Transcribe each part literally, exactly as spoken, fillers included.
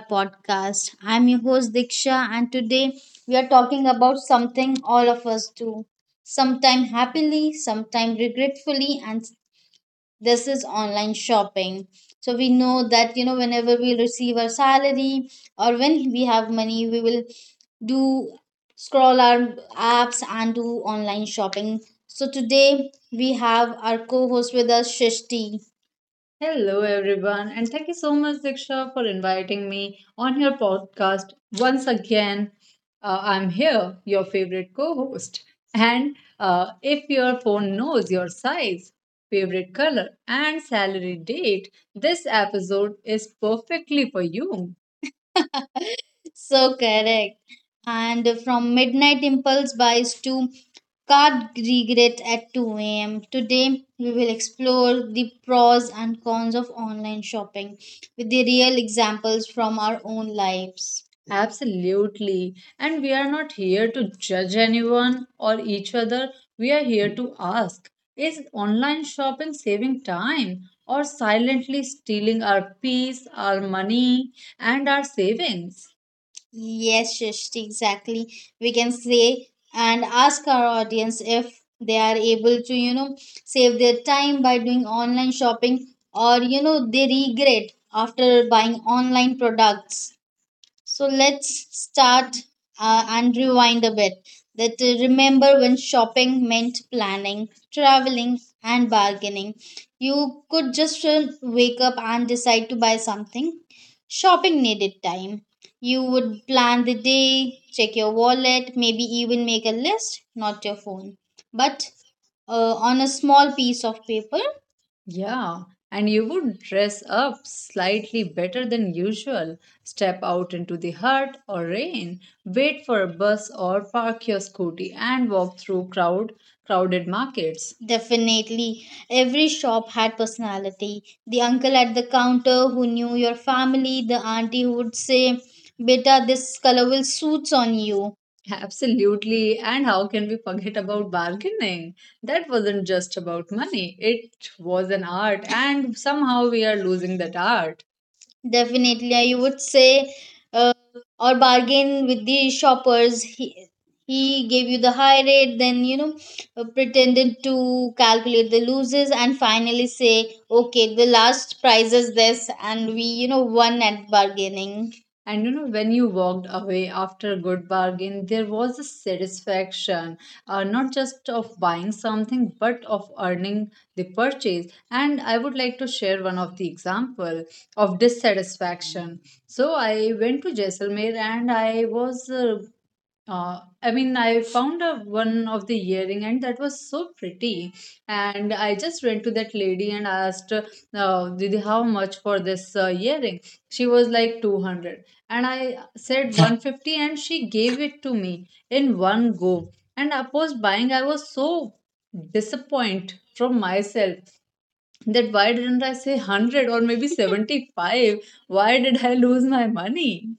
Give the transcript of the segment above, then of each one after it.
podcast. I'm your host Diksha and today we are talking about something all of us do, sometime happily, sometime regretfully, and this is online shopping. So we know that you know whenever we receive our salary or when we have money we will do scroll our apps and do online shopping. So today we have our co-host with us Shishti. Hello, everyone, and thank you so much, Diksha, for inviting me on your podcast once again. Uh, I'm here, your favorite co host. And uh, if your phone knows your size, favorite color, and salary date, this episode is perfectly for you. So correct. And from Midnight Impulse buys to Card Regret at two a m. Today, we will explore the pros and cons of online shopping with the real examples from our own lives. Absolutely. And we are not here to judge anyone or each other. We are here to ask, is online shopping saving time or silently stealing our peace, our money, and our savings? Yes, Shrishti, exactly. We can say and ask our audience if they are able to, you know, save their time by doing online shopping or, you know, they regret after buying online products. So let's start uh, and rewind a bit. That uh, remember when shopping meant planning, traveling, and bargaining. You could just uh, wake up and decide to buy something. Shopping needed time. You would plan the day, check your wallet, maybe even make a list, not your phone, but uh, on a small piece of paper. Yeah, and you would dress up slightly better than usual, step out into the hot or rain, wait for a bus or park your scooty and walk through crowd crowded markets. Definitely. Every shop had personality. The uncle at the counter who knew your family, the auntie who would say, beta, this color will suits on you. Absolutely, and how can we forget about bargaining? That wasn't just about money, it was an art, and somehow we are losing that art. Definitely, I would say, uh, or bargain with the shoppers. He he gave you the high rate, then you know, uh, pretended to calculate the losses, and finally say, okay, the last price is this, and we you know won at bargaining. And you know, when you walked away after a good bargain, there was a satisfaction, uh, not just of buying something, but of earning the purchase. And I would like to share one of the example of dissatisfaction. So I went to Jaisalmer and I was, uh, uh, I mean, I found a, one of the earring and that was so pretty. And I just went to that lady and asked, uh, Didi, how much for this uh, earring? She was like two hundred. And I said one fifty and she gave it to me in one go. And I was buying, I was so disappointed from myself that why didn't I say one hundred or maybe seventy-five? Why did I lose my money?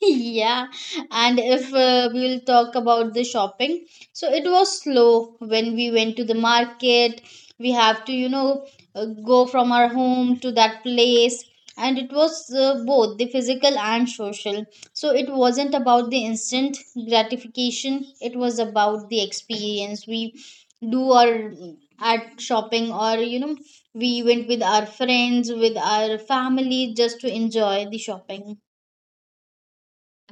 Yeah, and if uh, we will talk about the shopping, so it was slow. When we went to the market we have to you know uh, go from our home to that place, and it was uh, both the physical and social, so it wasn't about the instant gratification, it was about the experience we do or at shopping or you know, we went with our friends, with our family just to enjoy the shopping.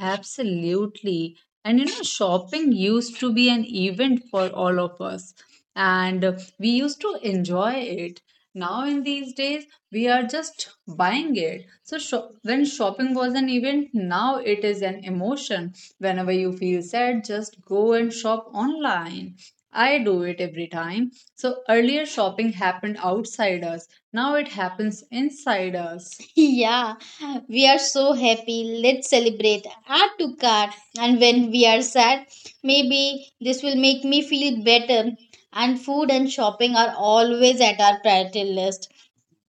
Absolutely. And you know, shopping used to be an event for all of us, and uh, we used to enjoy it. Now, in these days, we are just buying it. So, sho- when shopping was an event, now it is an emotion. Whenever you feel sad, just go and shop online. I do it every time. So, earlier shopping happened outside us, now it happens inside us. Yeah, we are so happy. Let's celebrate. Add to cart. And when we are sad, maybe this will make me feel better. And food and shopping are always at our priority list,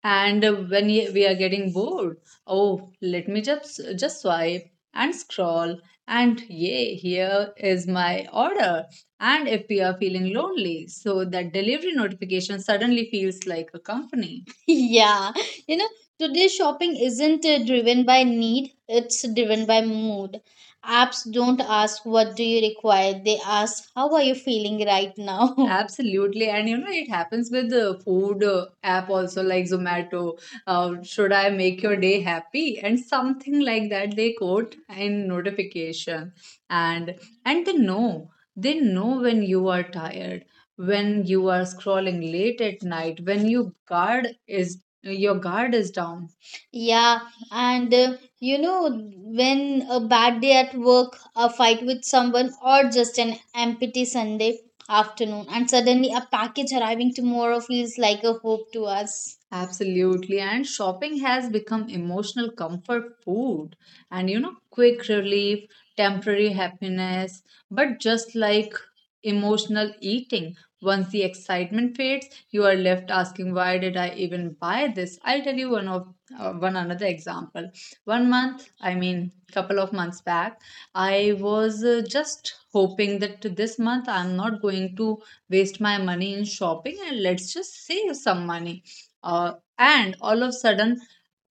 and uh, when y- we are getting bored, oh let me just just swipe and scroll and yay, here is my order. And if we are feeling lonely, so that delivery notification suddenly feels like a company. Yeah, you know, today's shopping isn't uh, driven by need, it's driven by mood. Apps don't ask what do you require. They ask how are you feeling right now. Absolutely. And you know, it happens with the food uh, app also, like Zomato. Uh, should I make your day happy? And something like that they quote in notification. And and they know. They know when you are tired, when you are scrolling late at night, when your guard is your guard is down. Yeah, and uh, you know, when a bad day at work, a fight with someone, or just an empty Sunday afternoon, and suddenly a package arriving tomorrow feels like a hope to us. Absolutely. And shopping has become emotional comfort food and, you know, quick relief, temporary happiness. But just like emotional eating, once the excitement fades, you are left asking, why did I even buy this? I'll tell you one of uh, one another example. One month, I mean, couple of months back, I was uh, just hoping that this month I'm not going to waste my money in shopping and let's just save some money. Uh, and all of a sudden,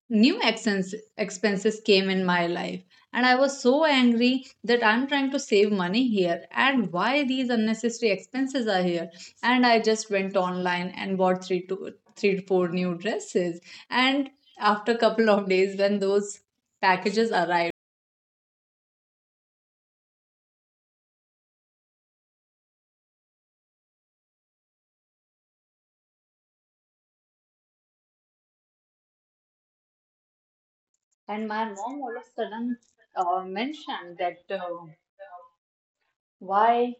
new expense, expenses came in my life, and I was so angry that I'm trying to save money here and why these unnecessary expenses are here, and I just went online and bought three to three to four new dresses, and after a couple of days when those packages arrived And my mom all of a sudden uh, mentioned that uh, why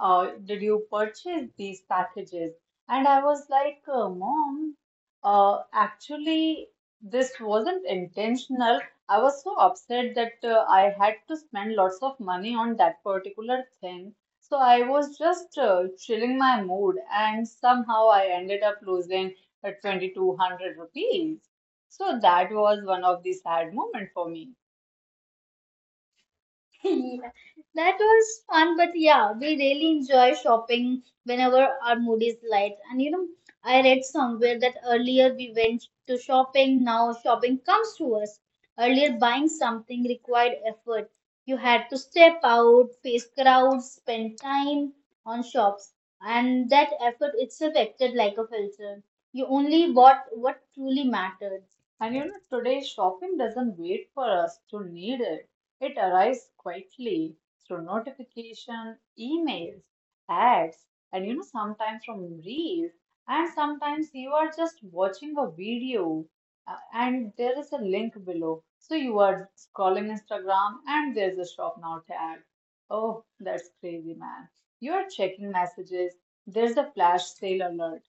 uh, did you purchase these packages? And I was like, uh, Mom, uh, actually, this wasn't intentional. I was so upset that uh, I had to spend lots of money on that particular thing. So I was just uh, chilling my mood, and somehow I ended up losing uh, twenty-two hundred rupees. So that was one of the sad moment for me. Yeah, that was fun, but yeah, we really enjoy shopping whenever our mood is light. And you know, I read somewhere that earlier we went to shopping, now shopping comes to us. Earlier, buying something required effort. You had to step out, face crowds, spend time on shops, and that effort itself acted like a filter. You only bought what truly mattered. And you know, today shopping doesn't wait for us to need it. It arrives quietly through notification, emails, ads, and you know, sometimes from reels, and sometimes you are just watching a video uh, and there is a link below. So you are scrolling Instagram and there's a shop now tag. Oh, that's crazy, man. You are checking messages, there's a flash sale alert.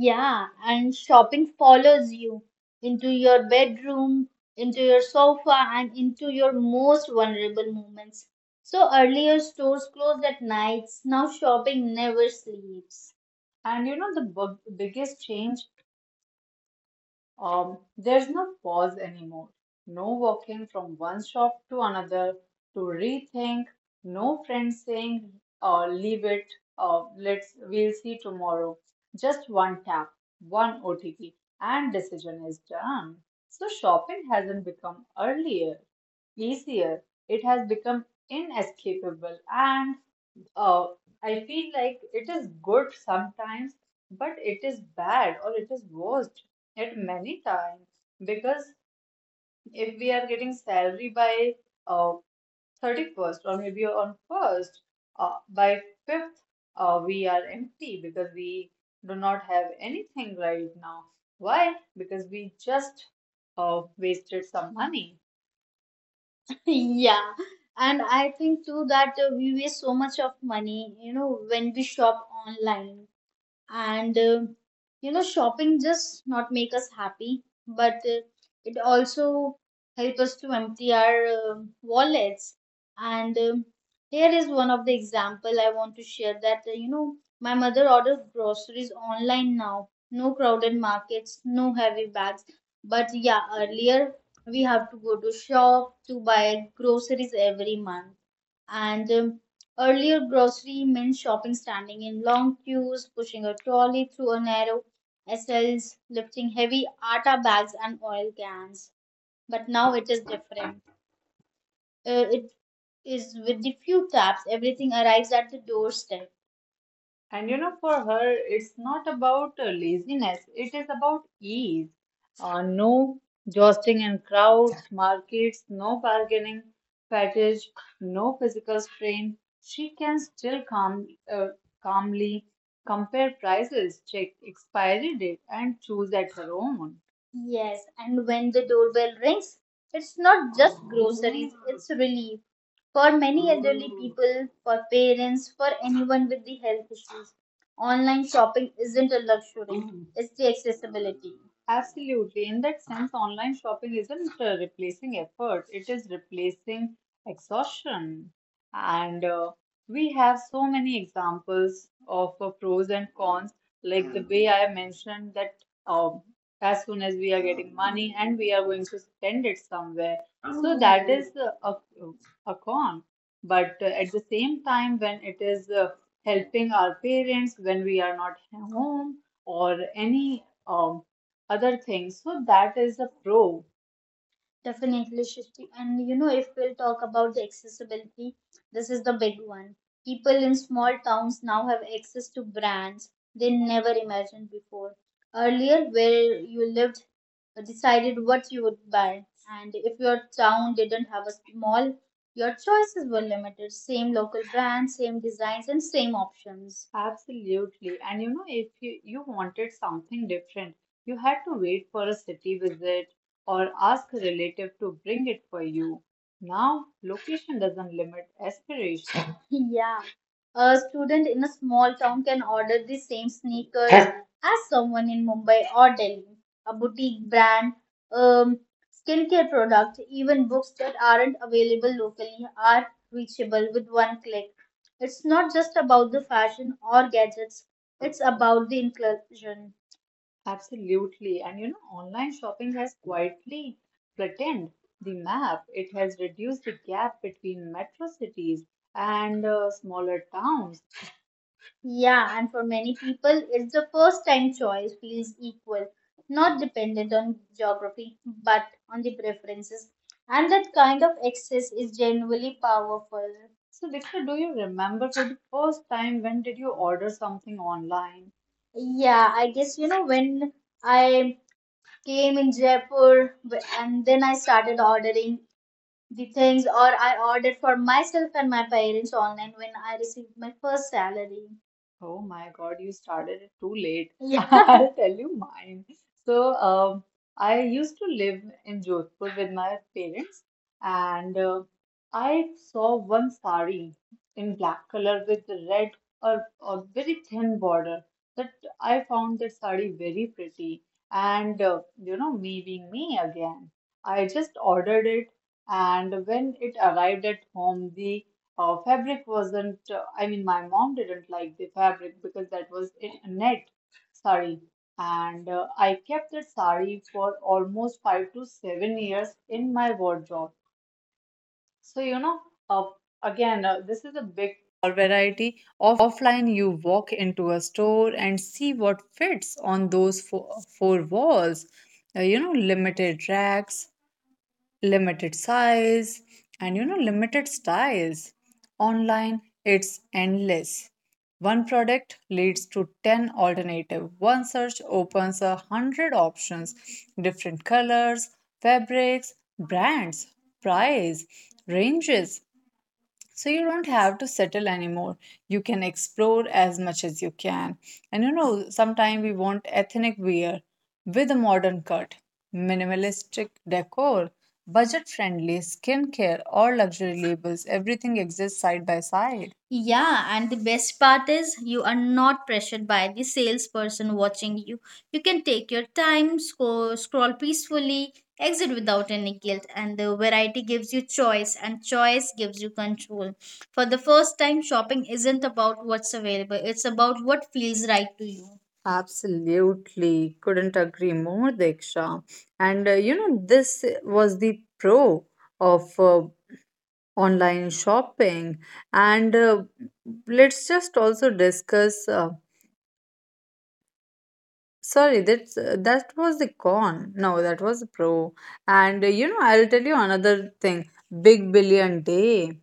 Yeah, and shopping follows you into your bedroom, into your sofa, and into your most vulnerable moments. So earlier stores closed at nights, now shopping never sleeps. And you know, the b- biggest change um, there's no pause anymore. No walking from one shop to another to rethink. No friend saying, uh, leave it, uh, let's, we'll see tomorrow. Just one tap, one O T P, and decision is done. So shopping hasn't become earlier, easier. It has become inescapable and uh, I feel like it is good sometimes, but it is bad or it is worst at many times because if we are getting salary by uh, thirty-first or maybe on first, uh, by fifth, uh, we are empty because we do not have anything right now. Why? Because we just uh, wasted some money. Yeah, and I think too that uh, we waste so much of money, you know, when we shop online and uh, you know shopping just not make us happy but uh, it also help us to empty our uh, wallets and um here is one of the example I want to share that uh, you know my mother orders groceries online now no crowded markets no heavy bags but yeah earlier we have to go to shop to buy groceries every month and um, earlier, grocery meant shopping standing in long queues, pushing a trolley through a narrow aisles, lifting heavy atta bags and oil cans. But now it is different. Uh, it is with the few taps, everything arrives at the doorstep. And you know, for her, it's not about uh, laziness, it is about ease. Uh, no jostling in crowds, markets, no bargaining, fetish, no physical strain. She can still calm, uh, calmly compare prices, check expiry date, and choose at her own. Yes, and when the doorbell rings, it's not just groceries, it's relief. For many elderly people, for parents, for anyone with the health issues, online shopping isn't a luxury, it's the accessibility. Absolutely. In that sense, online shopping isn't uh, replacing effort, it is replacing exhaustion. And uh, we have so many examples of uh, pros and cons, like the way I mentioned that um, as soon as we are getting money and we are going to spend it somewhere. So that is uh, a a con. But uh, at the same time, when it is uh, helping our parents when we are not home or any um, other thing, so that is a pro. Definitely, Shristi. And you know, if we'll talk about the accessibility, this is the big one. People in small towns now have access to brands they never imagined before. Earlier, where you lived, uh, decided what you would buy, and if your town didn't have a mall, your choices were limited. Same local brands, same designs, and same options. Absolutely. And you know, if you, you wanted something different, you had to wait for a city visit or ask a relative to bring it for you. Now, location doesn't limit aspiration. Yeah. A student in a small town can order the same sneakers as someone in Mumbai or Delhi. A boutique brand, um, skincare product, even books that aren't available locally are reachable with one click. It's not just about the fashion or gadgets, it's about the inclusion. Absolutely. And you know, online shopping has quietly flattened the map. It has reduced the gap between metro cities and uh, smaller towns. Yeah, and for many people, it's the first time choice feels equal, not dependent on geography, but on the preferences. And that kind of access is genuinely powerful. So, Diksha, do you remember for the first time when did you order something online? Yeah, I guess you know when I came in Jaipur w- and then I started ordering the things or I ordered for myself and my parents online when I received my first salary. Oh my God, you started it too late. Yeah. I'll tell you mine. So, um, I used to live in Jodhpur with my parents, and uh, I saw one sari in black color with the red or, or very thin border. That I found that sari very pretty, and uh, you know, me me again, I just ordered it and when it arrived at home the uh, fabric wasn't uh, i mean my mom didn't like the fabric because that was in a net sari and uh, I kept that sari for almost five to seven years in my wardrobe so you know uh, again uh, this is a big or variety. Offline, you walk into a store and see what fits on those four, four walls. Uh, you know, limited racks, limited size and you know limited styles online it's endless one product leads to ten alternative one search opens a hundred options different colors fabrics brands price ranges so you don't have to settle anymore. You can explore as much as you can. And you know, sometimes we want ethnic wear with a modern cut, minimalistic decor, budget friendly skincare, or luxury labels. Everything exists side by side. Yeah, and the best part is you are not pressured by the salesperson watching you. You can take your time, sco- scroll peacefully, exit without any guilt and the variety gives you choice and choice gives you control for the first time shopping isn't about what's available it's about what feels right to you. Absolutely. Couldn't agree more, Diksha. And uh, you know, this was the pro of uh, online shopping. And uh, let's just also discuss uh, sorry, that's that was the con. No, that was the pro. And uh, you know, I'll tell you another thing. Big Billion Day,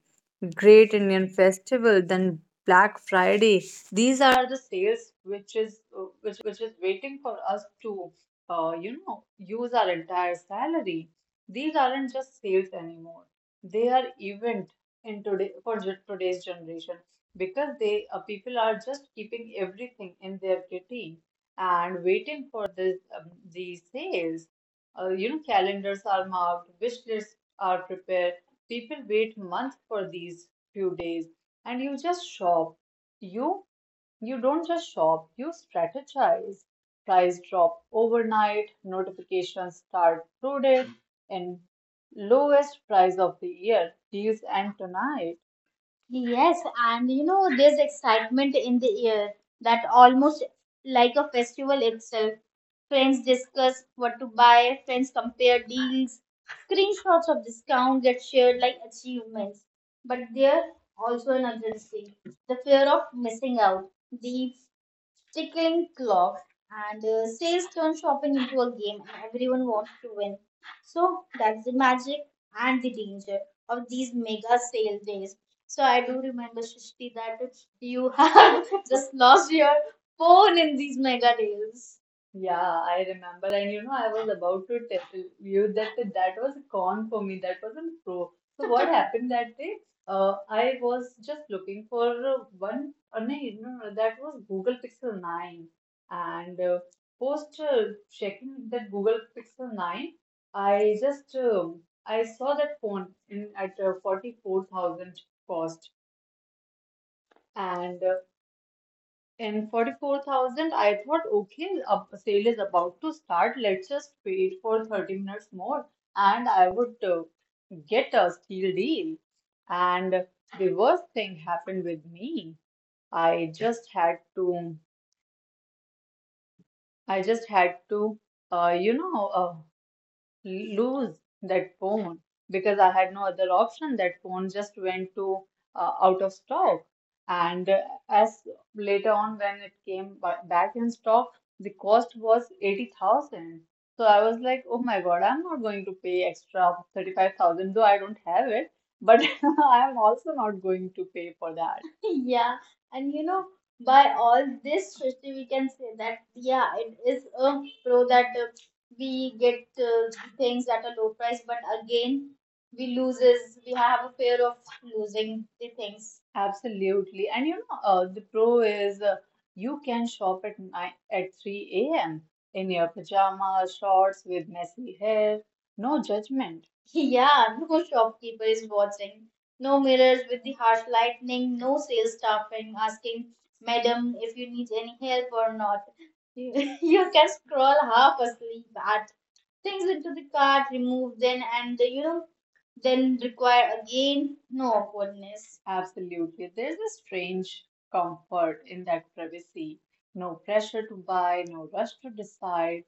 Great Indian Festival, then Black Friday. These are the sales which is uh, which is waiting for us to uh, you know, use our entire salary. These aren't just sales anymore. They are event in today for ge- today's generation because they uh, people are just keeping everything in their kitty and waiting for this um, these sales. Uh, you know, calendars are marked, wish lists are prepared. People wait months for these few days, and you just shop. You you don't just shop, you strategize. Price drop overnight, notifications start loaded, and lowest price of the year, deals end tonight. Yes, and you know, there's excitement in the air that almost like a festival itself. Friends discuss what to buy, friends compare deals, screenshots of discount get shared like achievements. But there also another thing, the fear of missing out, the tickling clock and uh, sales turn shopping into a game and everyone wants to win so that's the magic and the danger of these mega sale days so I do remember Shishti that you have just lost your phone in these mega deals. Yeah, I remember. And you know, I was about to tell you that that was a con for me. That was a pro. So what happened that day? Uh, I was just looking for uh, one uh, no, no, no, that was Google Pixel nine. And uh, post uh, checking that Google Pixel nine, I just um, I saw that phone in at uh, forty-four thousand cost. And uh, in forty-four thousand, I thought, okay, a sale is about to start. Let's just wait for thirty minutes more, and I would uh, get a steal deal. And the worst thing happened with me. I just had to. I just had to, uh, you know, uh, lose that phone because I had no other option. That phone just went to uh, out of stock. And uh, as later on, when it came ba- back in stock, the cost was eighty thousand. So I was like, oh my God, I'm not going to pay extra thirty-five thousand, though I don't have it, but I'm also not going to pay for that. Yeah, and you know, by all this, Srishti, we can say that yeah, it is a pro that uh, we get uh, things at a low price, but again, we loses. We have a fear of losing the things. Absolutely. And you know, uh, the pro is uh, you can shop at nine, at three a m in your pajamas, shorts with messy hair, no judgment. Yeah, no shopkeeper is watching. No mirrors with the harsh lightning. No sales staffing asking, "Madam, if you need any help or not." You, you can scroll half asleep, add things into the cart, remove them, and you know then require again no awkwardness. Absolutely. There's a strange comfort in that privacy. No pressure to buy, no rush to decide,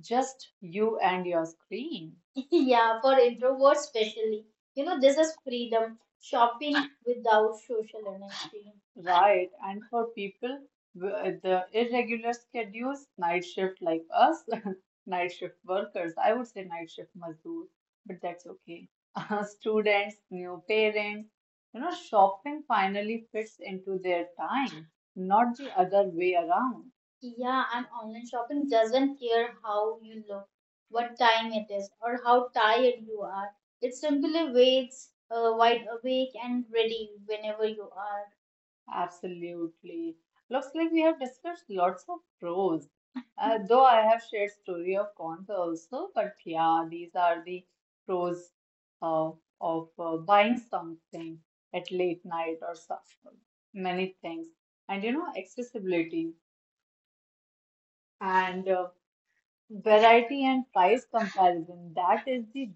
just you and your screen. Yeah, for introverts especially. You know, this is freedom. Shopping without social energy. Right. And for people with the irregular schedules, night shift like us, night shift workers, I would say night shift mazdoor, but that's okay. Students, new parents, you know, shopping finally fits into their time, not the other way around. Yeah, and online shopping doesn't care how you look, what time it is, or how tired you are. It simply waits uh, wide awake and ready whenever you are. Absolutely. Looks like we have discussed lots of pros. Uh, though I have shared story of cons also, but yeah, these are the pros of of uh, buying something at late night or so, many things. And you know, accessibility and uh, Variety and price comparison, that is the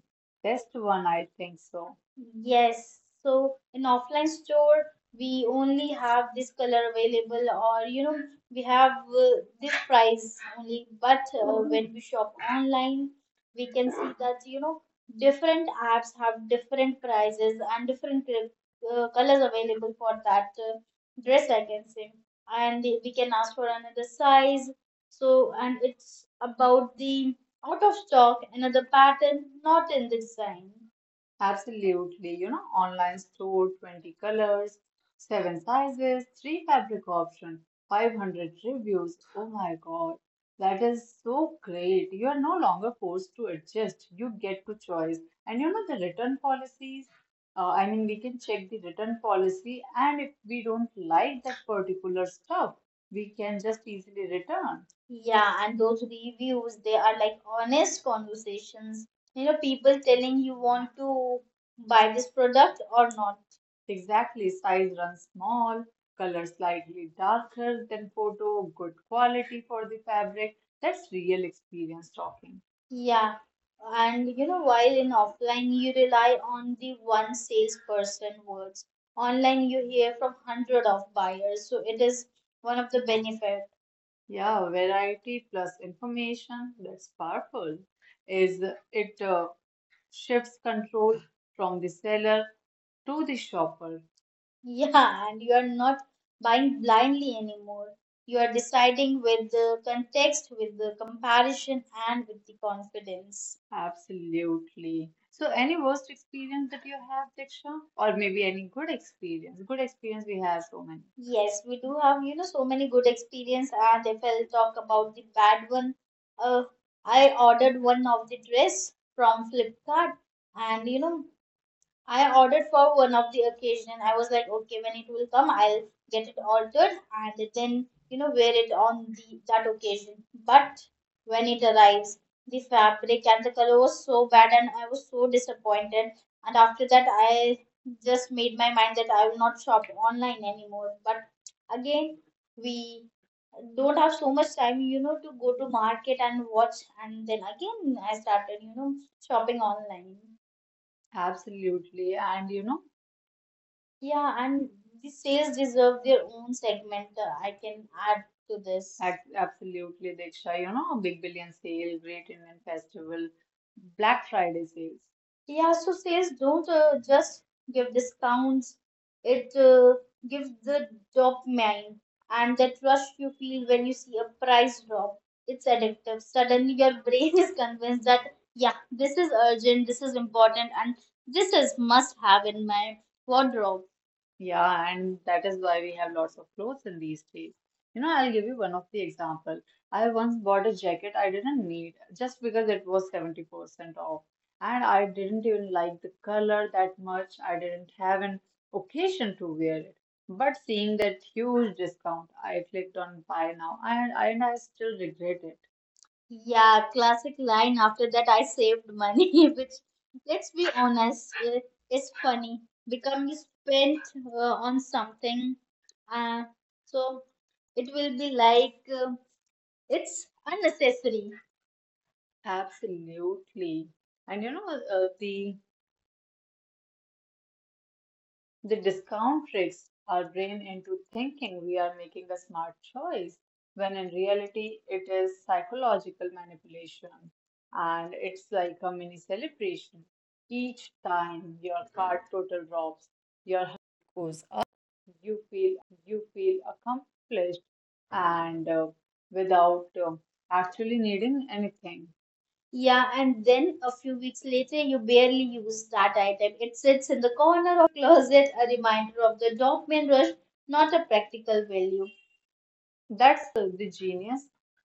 best one, I think so. Yes, so in offline store we only have this color available or you know we have uh, this price only but uh, when we shop online we can see that you know different apps have different prices and different uh, uh, colors available for that uh, dress I can say and we can ask for another size so, and it's about the out of stock, another pattern not in the design. Absolutely, you know, online store twenty colors, seven sizes, three fabric option, five hundred reviews. Oh my God, that is so great. You are no longer forced to adjust. You get to choice. And you know the return policies, uh, I mean we can check the return policy and if we don't like that particular stuff, we can just easily return. Yeah, and those reviews, they are like honest conversations, you know, people telling you want to buy this product or not. Exactly, size runs small, color slightly darker than photo, good quality for the fabric. That's real experience talking. Yeah, and you know while in offline you rely on the one salesperson words online you hear from hundred of buyers so it is one of the benefit. Yeah, variety plus information, that's powerful. Is it uh, shifts control from the seller to the shopper. Yeah, and you are not buying blindly anymore. You are deciding with the context, with the comparison, and with the confidence. Absolutely. So, any worst experience that you have, Diksha? Or maybe any good experience? Good experience, we have so many. Yes, we do have, you know, so many good experience. And if I'll talk about the bad one, uh, I ordered one of the dress from Flipkart, and you know, I ordered for one of the occasion. I was like, okay, when it will come, I'll get it altered and then you know wear it on the that occasion. But when it arrives, the fabric and the color was so bad, and I was so disappointed. And after that, I just made my mind that I will not shop online anymore. But again, we don't have so much time, you know, to go to market and watch. And then again, I started, you know, shopping online. Absolutely. And you know, yeah, and these tales deserve their own segment. Uh, I can add to this. Ac- Absolutely, Diksha. You know, Big Billion Sale, Great Indian Festival, Black Friday sales. Yeah, so sales don't uh, just give discounts, it uh, gives the dopamine and that rush you feel when you see a price drop. It's addictive. Suddenly, your brain is convinced that, yeah, this is urgent, this is important, and this is must have in my wardrobe. Yeah, and that is why we have lots of clothes in these days. You know, I'll give you one of the example. I once bought a jacket I didn't need just because it was seventy percent off. And I didn't even like the color that much. I didn't have an occasion to wear it. But seeing that huge discount, I clicked on buy now and, and I still regret it. Yeah, classic line. After that, I saved money, which, let's be honest, it, it's funny. Become you spent uh, on something, uh, so it will be like uh, it's unnecessary. Absolutely. And you know, uh, the The discount tricks our brain into thinking we are making a smart choice, when in reality, it is psychological manipulation. And it's like a mini celebration. Each time your card total drops, your heart goes up, you feel accomplished and uh, without uh, actually needing anything. Yeah, and then a few weeks later, you barely use that item. It sits in the corner of your closet, a reminder of the dopamine rush, not a practical value. That's uh, the genius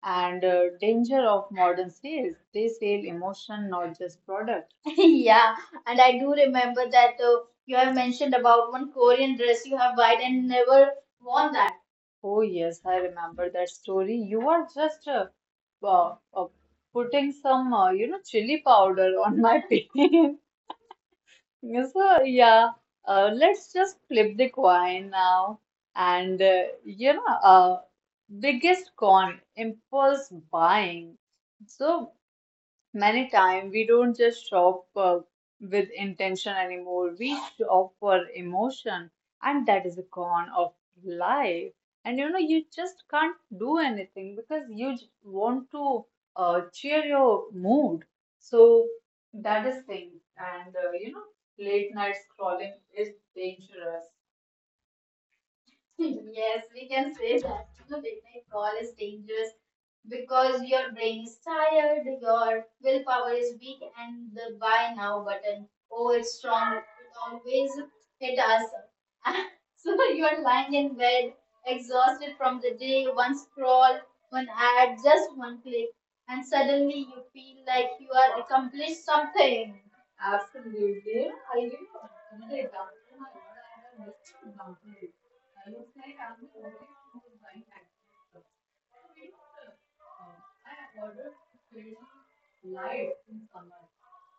and uh, danger of modern sales. They sell emotion, not just product. Yeah, and I do remember that uh, you have mentioned about one Korean dress you have bought and never worn that. Oh, yes, I remember that story. You are just uh, uh, uh, putting some, uh, you know, chili powder on my pin. Yes, uh, yeah. Uh, let's just flip the coin now. And uh, you know, uh, biggest con, impulse buying. So Many times we don't just shop uh, with intention anymore. We shop for emotion, and that is a con of life. And you know, you just can't do anything because you j- want to uh, cheer your mood. So that is thing. And uh, you know, late night scrolling is dangerous. Yes, we can say that you know, midnight call is dangerous because your brain is tired, your willpower is weak, and the buy now button, oh, it's strong, it always hit us. So you're lying in bed, exhausted from the day, one scroll, one ad, just one click, and suddenly you feel like you are accomplished something. Absolutely. I give you another example. My mother had a missed boundary. I was like, I'm going to order something actually. So we order. I order very light in summer.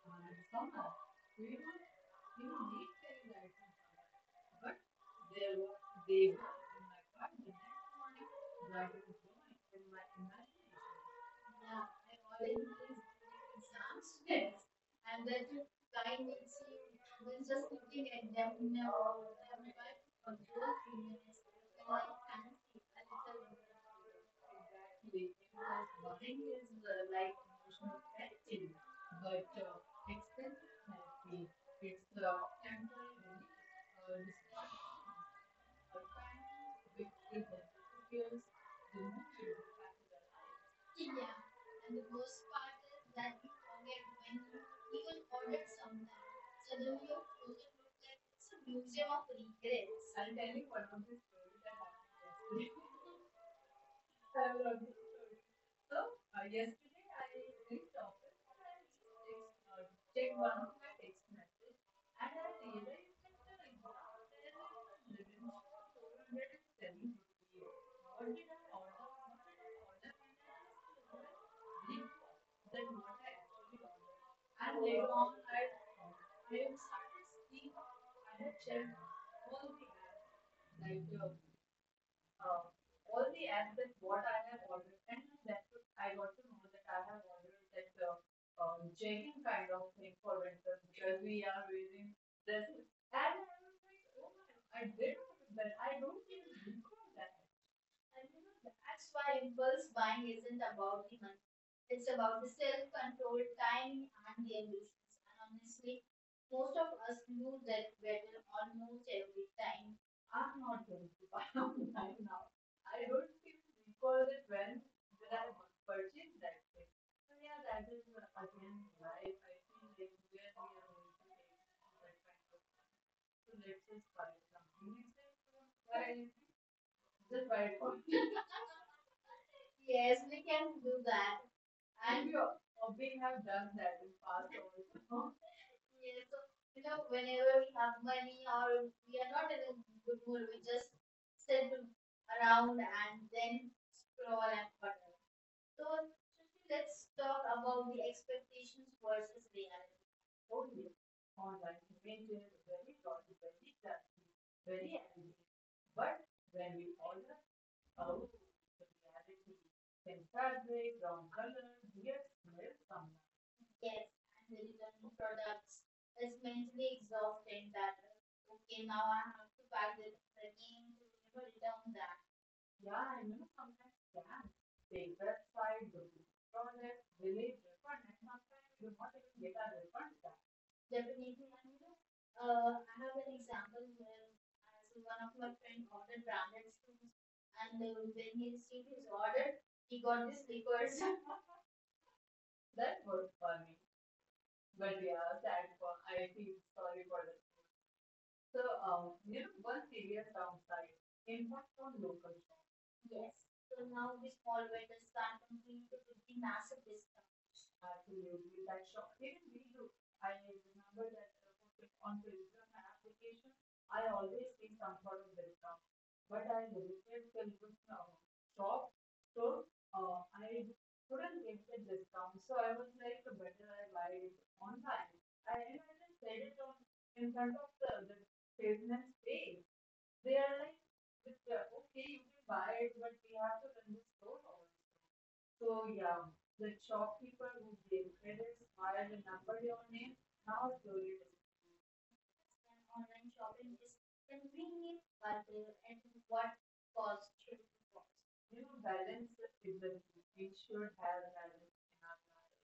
And Summer. We don't. We don't eat very light in summer. But there was they were. Yeah, I ordered these samosas and that guy needs to was just looking at them now or everywhere for two or three minutes and I can't see a little bit. Exactly, because buying is uh, like emotional testing but uh, expensive therapy it's uh, temporary uh, distraction a time with is the fears the mood the life. Yeah. And the worst part is that you forget when you even ordered something. Suddenly your closet looks like it's a museum of regrets. I'll tell you one of the stories that happened yesterday. So uh, yesterday I reached office and and and one of my text I I I I I a that four hundred seventy rupees. What did I order? What did I order? And I asked the woman brief that what I actually ordered. And later on I I started seeing I had checked all the apps, like the uh, all the aspects what I have ordered, and that's what I got to know that I have ordered that uh, um, jegging kind of thing for winter because we are wearing dresses. And I was like, oh my, I did order that. I don't even recall that. I mean, that's why impulse buying isn't about the money. It's about the self-control, timing, and the ambitions. And honestly, most of us lose that battle almost every time. I'm not going to buy online now. I don't even recall the trend that I purchased that thing. So yeah, that is uh, again why I feel like where we are going to take that kind of money. So let's just buy something. It's like, uh, why the performance. Yes, we can do that. And And we, al- uh, we have done that in past also. Yes, so, you know, whenever we have money or we are not in a good mood, we just sit around and then scroll and whatever. So, Shruti, let's talk about the expectations versus reality. Oh yes, online maintenance is very consequently very elegant. But when we all are out, the reality can fabric, wrong colors, weird smells sometimes. Yes, and the return products is mentally exhausting that, okay, now I have to buy this again to never return that. Yeah, I know sometimes scams. Fake website, domain project, village refund, and sometimes you not even get a refund back. Definitely, and you know, uh, I have an example where uh, so one of my friend ordered branded shoes, and uh, when he received his order, he got the slippers. That worked for me. But yeah, sad for I feel sorry for the so, uh, you know, one serious downside, impact on local shops. Yes, so now the small vendors can't compete with the massive discounts. Absolutely, that shop, even we do, I remember that uh, for- on tourism application, I always see some sort of discount. But I visited Pilgrim's uh, shop, so, uh, I couldn't get the discount. So I was like, better I buy it online. I, and I just said it on, in front of the, the salesman's face. They are like, it's, uh, okay, you can buy it, but we have to run the store also. So yeah, the shopkeeper who gave credit smiled and numbered your name. Now it's your and online shopping is convenient, but uh, and what cost should be cost. You know, balance the frequency. We should have balance in our life.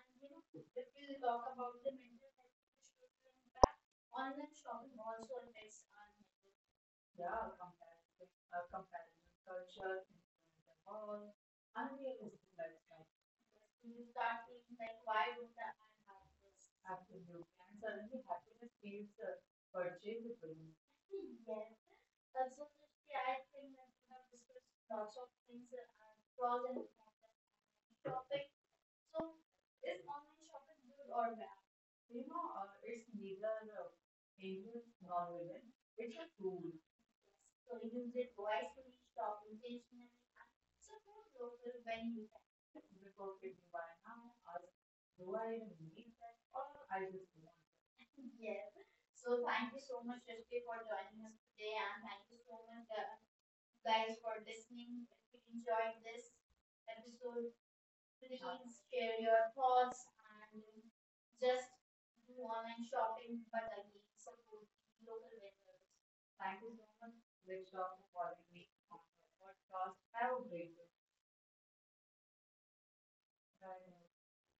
And you know, if we talk about the mental health of children impact, online shopping also affects our mental health. Yeah, comparison, uh, comparison culture, influence and all, unrealistic lifestyle, health. You start feeling like, why would I have this? Absolutely, and suddenly happiness feels uh, purchaseable. Yes. Absolutely, I think that we have discussed lots of things that are pros and cons of topic. So is online shopping good or bad? You know, uh, it's neither uh, angels nor women. It's a tool. So use it wisely, shop intentionally, and support local when you can. Before picking buy now, ask, do I even need that or I just want it? Yes. So thank you so much, Rishti, for joining us today, and thank you so much, uh, guys, for listening. If you enjoyed this episode, please share your thoughts and just do online shopping, but again, support the local vendors. Thank you so much, Richa, for calling me on the podcast. Have a great day. Bye.